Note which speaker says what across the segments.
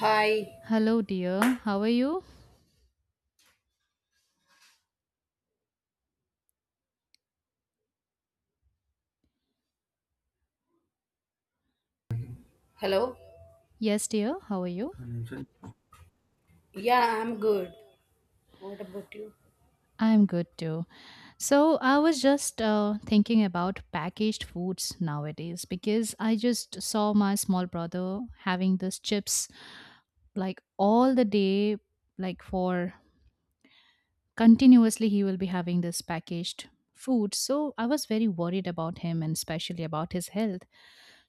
Speaker 1: Hi.
Speaker 2: Hello, dear. How are you?
Speaker 1: Hello.
Speaker 2: Yes, dear. How are you?
Speaker 1: Yeah, I'm good. What about you?
Speaker 2: I'm good too. So, I was just thinking about packaged foods nowadays because I just saw my small brother having this chips like all the day, like for continuously, he will be having this packaged food. So, I was very worried about him and especially about his health.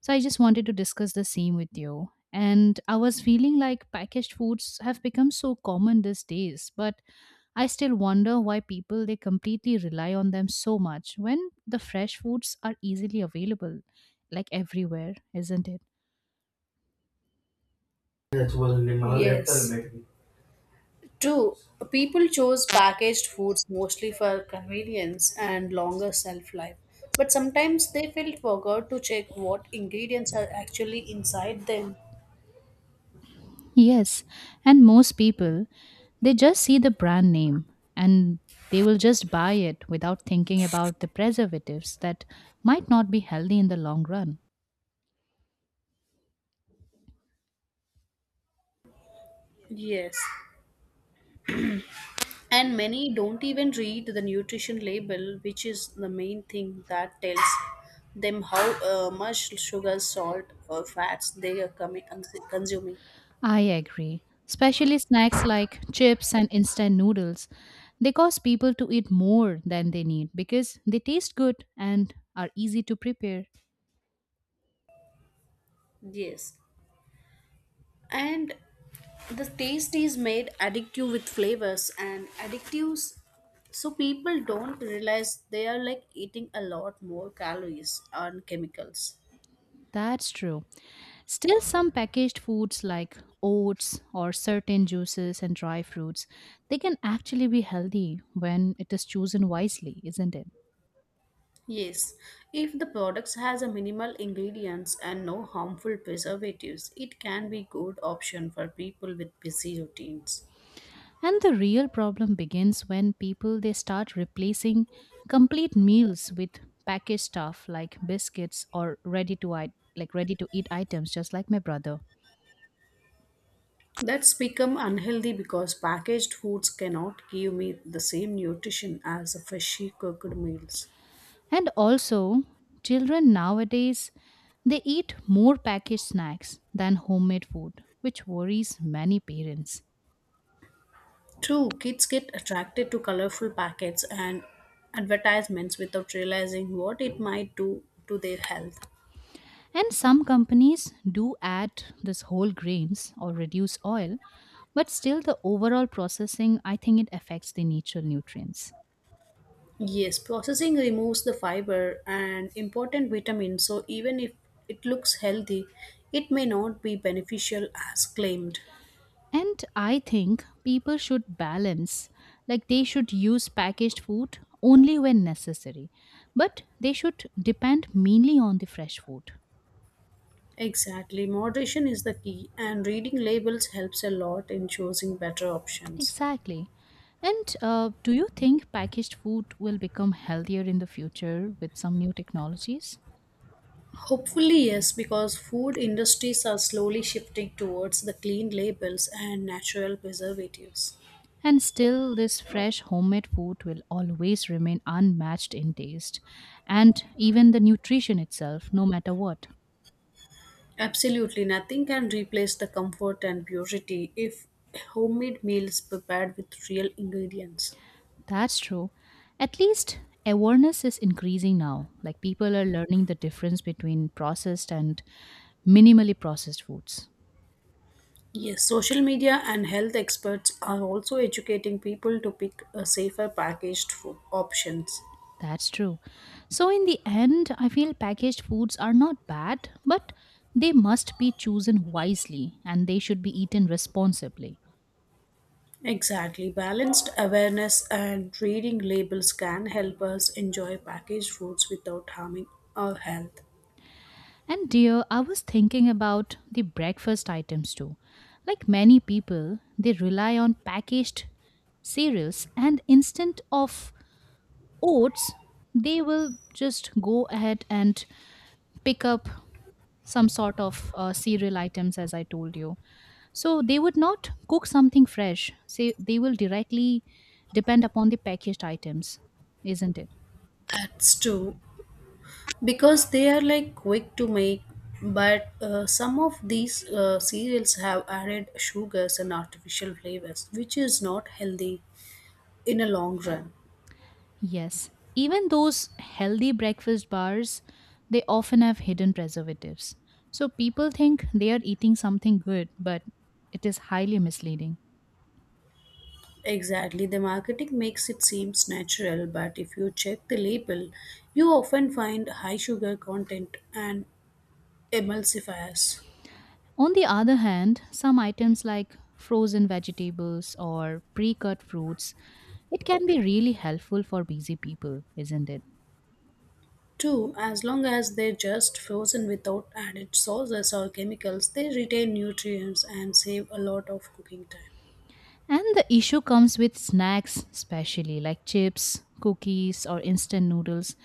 Speaker 2: So, I just wanted to discuss the same with you. And I was feeling like packaged foods have become so common these days, but I still wonder why people they completely rely on them so much when the fresh foods are easily available like everywhere, isn't it?
Speaker 1: Yes. Maybe. Two, people chose packaged foods mostly for convenience and longer shelf life. But sometimes they felt forgot to check what ingredients are actually inside them.
Speaker 2: Yes, and most people, they just see the brand name and they will just buy it without thinking about the preservatives that might not be healthy in the long run.
Speaker 1: Yes. And many don't even read the nutrition label, which is the main thing that tells them how much sugar, salt, or fats they are coming consuming.
Speaker 2: I agree. Especially snacks like chips and instant noodles. They cause people to eat more than they need because they taste good and are easy to prepare.
Speaker 1: Yes. And the taste is made addictive with flavors and addictives so people don't realize they are like eating a lot more calories and chemicals.
Speaker 2: That's true. Still, some packaged foods like oats or certain juices and dry fruits, they can actually be healthy when it is chosen wisely, isn't it?
Speaker 1: Yes, if the products has a minimal ingredients and no harmful preservatives, it can be good option for people with busy routines.
Speaker 2: And the real problem begins when people they start replacing complete meals with packaged stuff like biscuits or ready to eat like ready to eat items just like my brother.
Speaker 1: That's become unhealthy because packaged foods cannot give me the same nutrition as a freshly cooked meals.
Speaker 2: And also children nowadays they eat more packaged snacks than homemade food, which worries many parents.
Speaker 1: True, kids get attracted to colorful packets and advertisements without realizing what it might do to their health.
Speaker 2: And some companies do add this whole grains or reduce oil, but still the overall processing I think it affects the natural nutrients.
Speaker 1: Yes, processing removes the fiber and important vitamins, so even if it looks healthy, it may not be beneficial as claimed.
Speaker 2: And I think people should balance, like they should use packaged food only when necessary, but they should depend mainly on the fresh food.
Speaker 1: Exactly, moderation is the key, and reading labels helps a lot in choosing better options.
Speaker 2: Exactly. And do you think packaged food will become healthier in the future with some new technologies?
Speaker 1: Hopefully, yes, because food industries are slowly shifting towards the clean labels and natural preservatives.
Speaker 2: And still, this fresh homemade food will always remain unmatched in taste and even the nutrition itself, no matter what.
Speaker 1: Absolutely nothing can replace the comfort and purity if homemade meals prepared with real ingredients.
Speaker 2: That's true. At least awareness is increasing now. Like people are learning the difference between processed and minimally processed foods.
Speaker 1: Yes, social media and health experts are also educating people to pick a safer packaged food options.
Speaker 2: That's true. So, in the end, I feel packaged foods are not bad, but they must be chosen wisely and they should be eaten responsibly.
Speaker 1: Exactly, balanced awareness and reading labels can help us enjoy packaged foods without harming our health.
Speaker 2: And, dear, I was thinking about the breakfast items too. Like many people, they rely on packaged cereals and instant of oats, they will just go ahead and pick up some sort of cereal items, as I told you. So they would not cook something fresh. Say they will directly depend upon the packaged items, isn't it?
Speaker 1: That's true. Because they are like quick to make but some of these cereals have added sugars and artificial flavors which is not healthy in a long run.
Speaker 2: Yes. Even those healthy breakfast bars, they often have hidden preservatives. So people think they are eating something good, but it is highly misleading.
Speaker 1: Exactly, the marketing makes it seems natural, but if you check the label you often find high sugar content and emulsifiers.
Speaker 2: On the other hand, some items like frozen vegetables or pre cut fruits, it can be really helpful for busy people, isn't it?
Speaker 1: Too, as long as they're just frozen without added sauces or chemicals, they retain nutrients and save a lot of cooking time.
Speaker 2: And the issue comes with snacks, especially like chips, cookies, or instant noodles,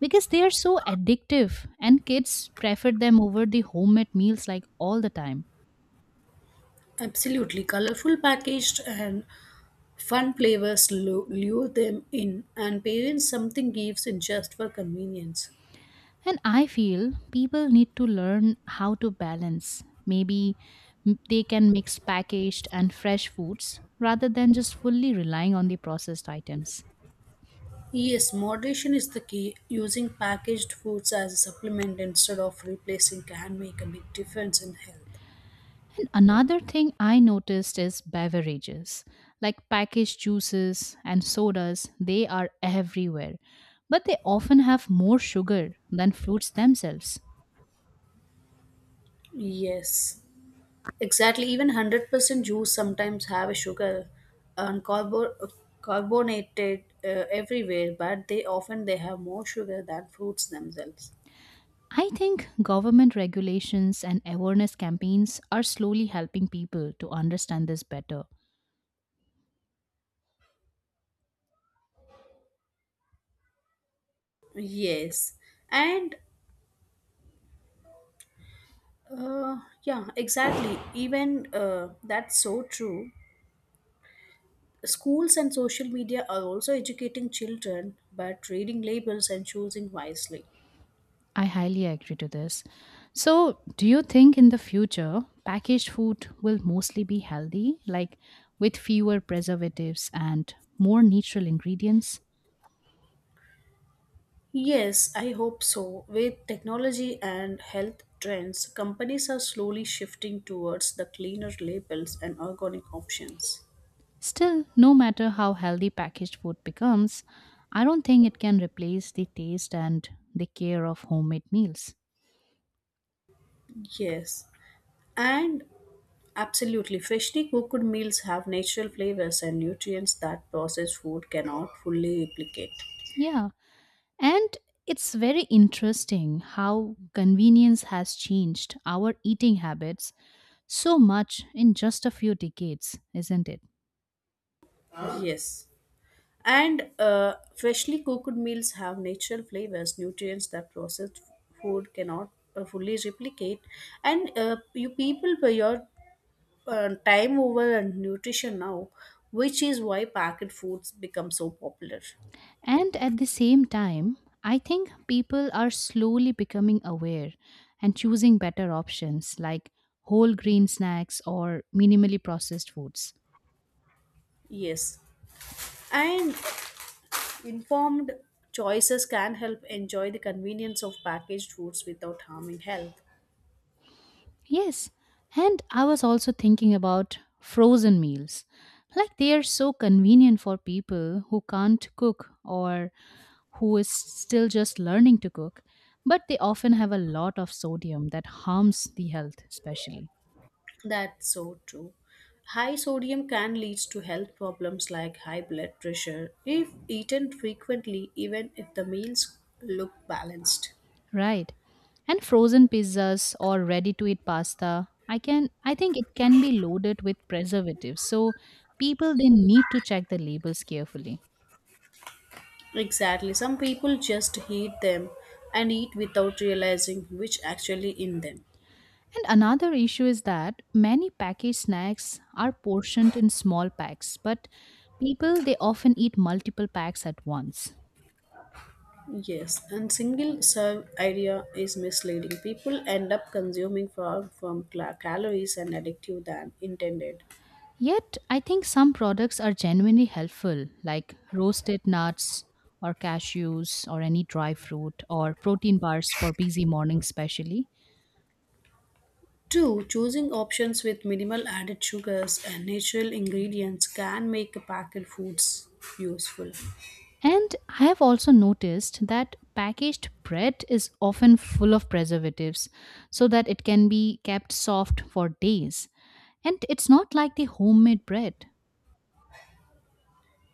Speaker 2: because they are so addictive and kids prefer them over the homemade meals like all the time.
Speaker 1: Absolutely. Colorful packaged and fun flavors lure them in, and parents something gives in just for convenience.
Speaker 2: And I feel people need to learn how to balance. Maybe they can mix packaged and fresh foods rather than just fully relying on the processed items.
Speaker 1: Yes, moderation is the key. Using packaged foods as a supplement instead of replacing can make a big difference in health.
Speaker 2: And another thing I noticed is beverages. Like packaged juices and sodas, they are everywhere, but they often have more sugar than fruits themselves.
Speaker 1: Yes, exactly. Even 100% juice sometimes have a sugar and carbonated everywhere, but they often they have more sugar than fruits themselves.
Speaker 2: I think government regulations and awareness campaigns are slowly helping people to understand this better.
Speaker 1: Yes, and Uh, yeah, exactly. Even that's so true. Schools and social media are also educating children, but reading labels and choosing wisely.
Speaker 2: I highly agree to this. So, do you think in the future packaged food will mostly be healthy, like with fewer preservatives and more natural ingredients?
Speaker 1: Yes, I hope so. With technology and health trends, companies are slowly shifting towards the cleaner labels and organic options.
Speaker 2: Still, no matter how healthy packaged food becomes, I don't think it can replace the taste and the care of homemade meals.
Speaker 1: Yes, and absolutely, freshly cooked meals have natural flavors and nutrients that processed food cannot fully replicate.
Speaker 2: Yeah, and it's very interesting how convenience has changed our eating habits so much in just a few decades, isn't it?
Speaker 1: Yes. And freshly cooked meals have natural flavors, nutrients that processed food cannot fully replicate. And you people for your time over and nutrition now, which is why packet foods become so popular.
Speaker 2: And at the same time, I think people are slowly becoming aware and choosing better options like whole grain snacks or minimally processed foods.
Speaker 1: Yes, and informed choices can help enjoy the convenience of packaged foods without harming health.
Speaker 2: Yes, and I was also thinking about frozen meals. Like they are so convenient for people who can't cook or who is still just learning to cook, but they often have a lot of sodium that harms the health, especially.
Speaker 1: That's so true. High sodium can lead to health problems like high blood pressure if eaten frequently, even if the meals look balanced.
Speaker 2: Right. And frozen pizzas or ready to eat pasta, I think it can be loaded with preservatives. So people they need to check the labels carefully.
Speaker 1: Exactly. Some people just heat them and eat without realizing which actually in them.
Speaker 2: And another issue is that many packaged snacks are portioned in small packs, but people they often eat multiple packs at once.
Speaker 1: Yes, and single serve idea is misleading. People end up consuming far from calories and addictive than intended.
Speaker 2: Yet, I think some products are genuinely helpful, like roasted nuts or cashews or any dry fruit or protein bars for busy mornings, especially.
Speaker 1: Two, choosing options with minimal added sugars and natural ingredients can make packaged foods useful.
Speaker 2: And I have also noticed that packaged bread is often full of preservatives so that it can be kept soft for days. And it's not like the homemade bread.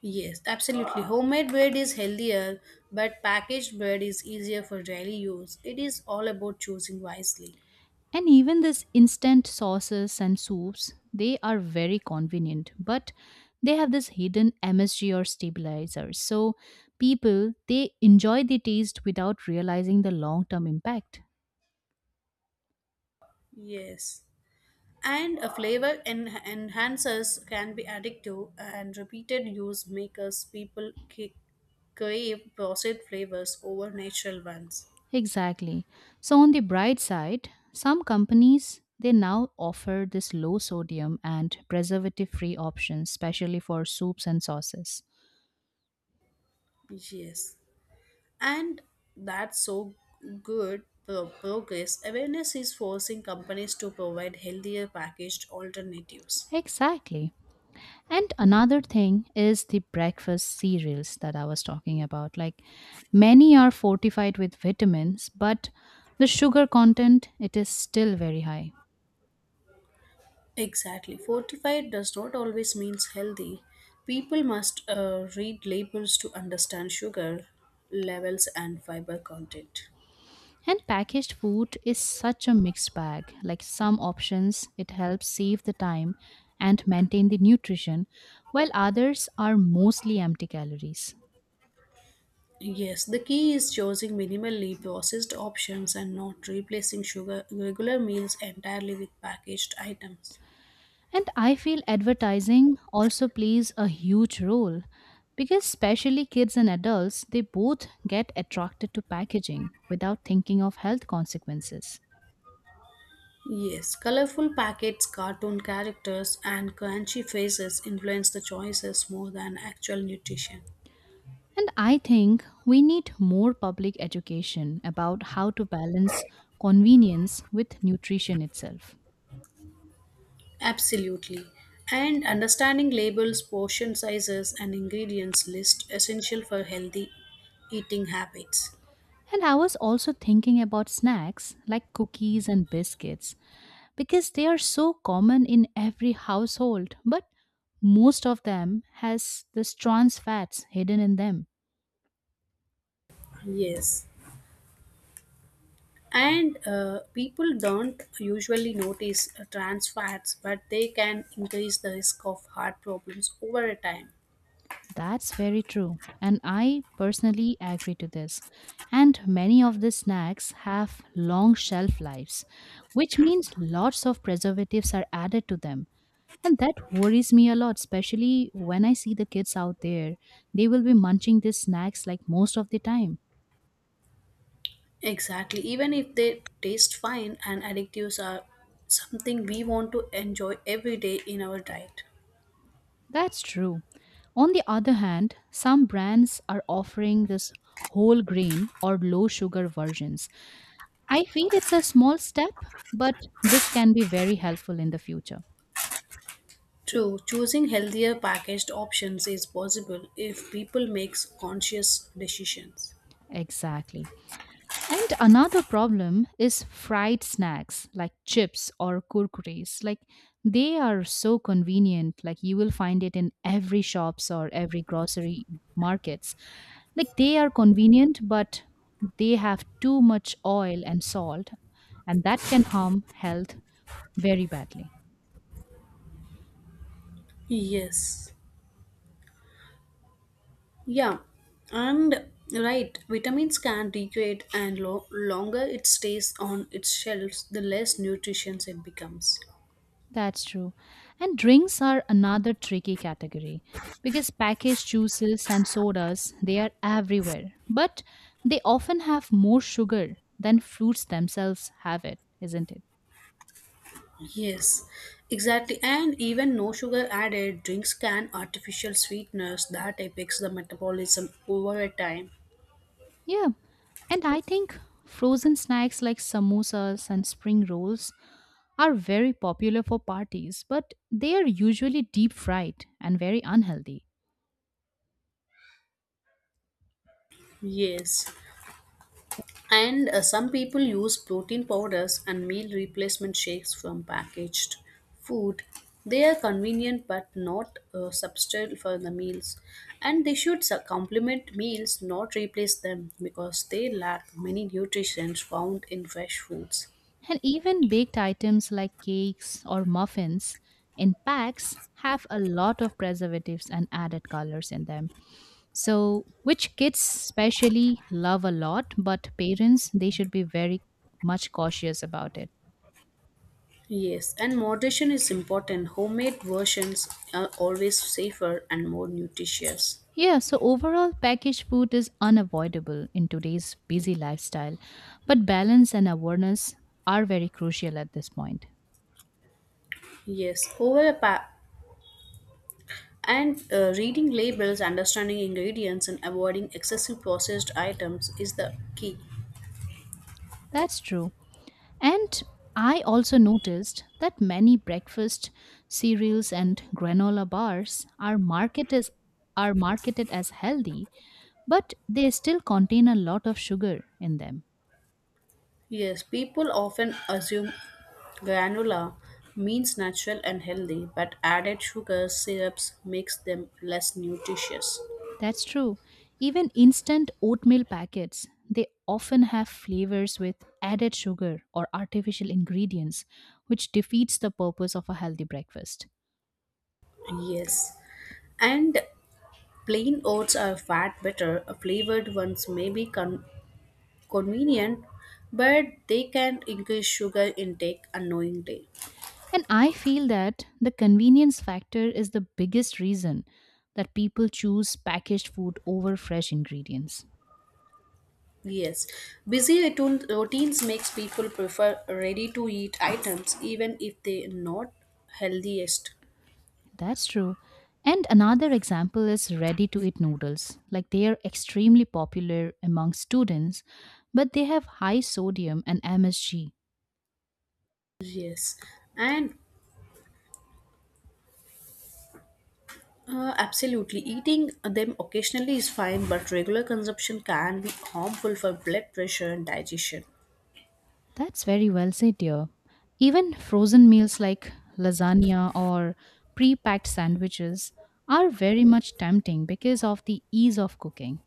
Speaker 1: Yes, absolutely. Homemade bread is healthier, but packaged bread is easier for daily use. It is all about choosing wisely.
Speaker 2: And even this instant sauces and soups, they are very convenient, but they have this hidden MSG or stabilizers. So people, they enjoy the taste without realizing the long-term impact.
Speaker 1: Yes. And a flavor enhancers can be addictive, and repeated use makes people crave processed flavors over natural ones.
Speaker 2: Exactly. So on the bright side, some companies they now offer this low sodium and preservative free options especially for soups and sauces.
Speaker 1: Yes. And that's so good progress. Awareness is forcing companies to provide healthier packaged alternatives.
Speaker 2: Exactly. And another thing is the breakfast cereals that I was talking about. Like many are fortified with vitamins, but the sugar content it is still very high.
Speaker 1: Exactly. Fortified does not always means healthy. People must read labels to understand sugar levels and fiber content.
Speaker 2: And packaged food is such a mixed bag. Like some options, it helps save the time and maintain the nutrition, while others are mostly empty calories.
Speaker 1: Yes, the key is choosing minimally processed options and not replacing sugar regular meals entirely with packaged items.
Speaker 2: And I feel advertising also plays a huge role because, especially kids and adults, they both get attracted to packaging without thinking of health consequences.
Speaker 1: Yes, colorful packets, cartoon characters, and crunchy faces influence the choices more than actual nutrition.
Speaker 2: And I think we need more public education about how to balance convenience with nutrition itself.
Speaker 1: Absolutely. And understanding labels, portion sizes, and ingredients list essential for healthy eating habits.
Speaker 2: And I was also thinking about snacks like cookies and biscuits because they are so common in every household, but most of them has this trans fats hidden in them.
Speaker 1: Yes. And people don't usually notice trans fats, but they can increase the risk of heart problems over a time.
Speaker 2: That's very true. And I personally agree to this. And many of the snacks have long shelf lives, which means lots of preservatives are added to them. And that worries me a lot, especially when I see the kids out there. They will be munching these snacks like most of the time.
Speaker 1: Exactly. Even if they taste fine and additives are something we want to enjoy every day in our diet.
Speaker 2: That's true. On the other hand, some brands are offering this whole grain or low sugar versions I feel it's a small step, but this can be very helpful in the future.
Speaker 1: True, choosing healthier packaged options is possible if people makes conscious decisions.
Speaker 2: Exactly. And another problem is fried snacks like chips or kurkuris. Like they are so convenient. Like you will find it in every shops or every grocery markets. Like they are convenient, but they have too much oil and salt, and that can harm health very badly.
Speaker 1: Yes. Yeah. And right, vitamins can degrade, and longer it stays on its shelves, the less nutritious it becomes.
Speaker 2: That's true. And drinks are another tricky category because packaged juices and sodas, they are everywhere, but they often have more sugar than fruits themselves have it, isn't it?
Speaker 1: Yes, exactly. And even no sugar added drinks can artificial sweeteners that affects the metabolism over a time.
Speaker 2: Yeah. And I think frozen snacks like samosas and spring rolls are very popular for parties, but they are usually deep fried and very unhealthy.
Speaker 1: Yes. And some people use protein powders and meal replacement shakes from packaged food. They are convenient but not a substitute for the meals. And they should complement meals, not replace them, because they lack many nutrients found in fresh foods.
Speaker 2: And even baked items like cakes or muffins in packs have a lot of preservatives and added colors in them. So, which kids especially love a lot, but parents, they should be very much cautious about it.
Speaker 1: Yes, and moderation is important. Homemade versions are always safer and more nutritious.
Speaker 2: Yeah, so overall, packaged food is unavoidable in today's busy lifestyle, but balance and awareness are very crucial at this point.
Speaker 1: Yes, and reading labels, understanding ingredients, and avoiding excessive processed items is the key.
Speaker 2: That's true. And I also noticed that many breakfast cereals and granola bars are marketed as healthy, but they still contain a lot of sugar in them.
Speaker 1: Yes, people often assume granola means natural and healthy, but added sugars, syrups makes them less nutritious.
Speaker 2: That's true. Even instant oatmeal packets, they often have flavors with added sugar or artificial ingredients, which defeats the purpose of a healthy breakfast.
Speaker 1: Yes, and plain oats are fat better. Flavored ones may be convenient, but they can increase sugar intake unknowingly.
Speaker 2: And I feel that the convenience factor is the biggest reason that people choose packaged food over fresh ingredients.
Speaker 1: Yes, busy routines makes people prefer ready-to-eat items even if they are not healthiest.
Speaker 2: That's true. And another example is ready to eat noodles. Like they are extremely popular among students, but they have high sodium and MSG.
Speaker 1: Yes, and absolutely, eating them occasionally is fine, but regular consumption can be harmful for blood pressure and digestion.
Speaker 2: That's very well said, dear. Even frozen meals like lasagna or pre packed sandwiches are very much tempting because of the ease of cooking.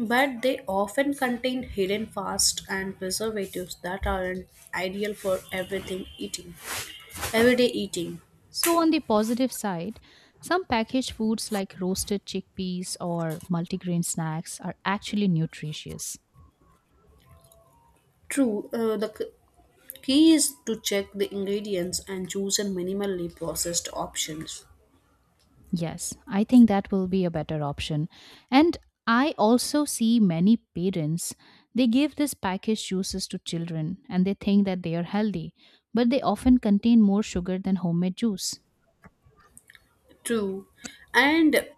Speaker 1: But they often contain hidden fats and preservatives that aren't ideal for everything eating, everyday eating.
Speaker 2: So, on the positive side, some packaged foods like roasted chickpeas or multigrain snacks are actually nutritious.
Speaker 1: True, the key is to check the ingredients and choose a minimally processed options.
Speaker 2: Yes, I think that will be a better option. And I also see many parents, they give these packaged juices to children and they think that they are healthy, but they often contain more sugar than homemade juice.
Speaker 1: True, and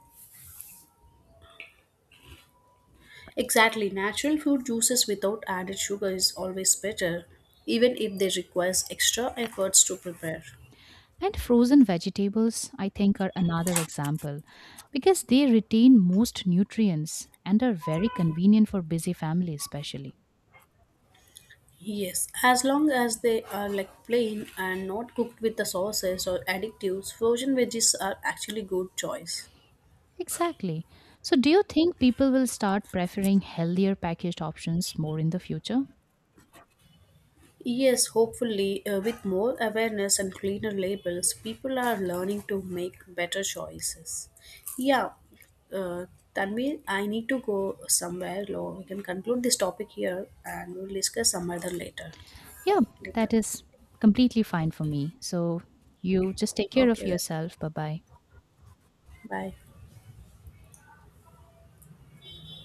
Speaker 1: exactly natural fruit juices without added sugar is always better, even if they requires extra efforts to prepare.
Speaker 2: And frozen vegetables, I think, are another example because they retain most nutrients and are very convenient for busy families, especially.
Speaker 1: Yes, as long as they are like plain and not cooked with the sauces or additives, frozen veggies are actually good choice.
Speaker 2: Exactly. So, do you think people will start preferring healthier packaged options more in the future?
Speaker 1: Yes, hopefully, with more awareness and cleaner labels, people are learning to make better choices. Yeah, uh, Tanvi, I need to go somewhere. Lo, we can conclude this topic here, and we'll discuss some other later.
Speaker 2: Yeah,
Speaker 1: Later.
Speaker 2: that is completely fine for me. So, you just take care of
Speaker 1: Okay then.
Speaker 2: yourself. Bye bye.
Speaker 1: Bye.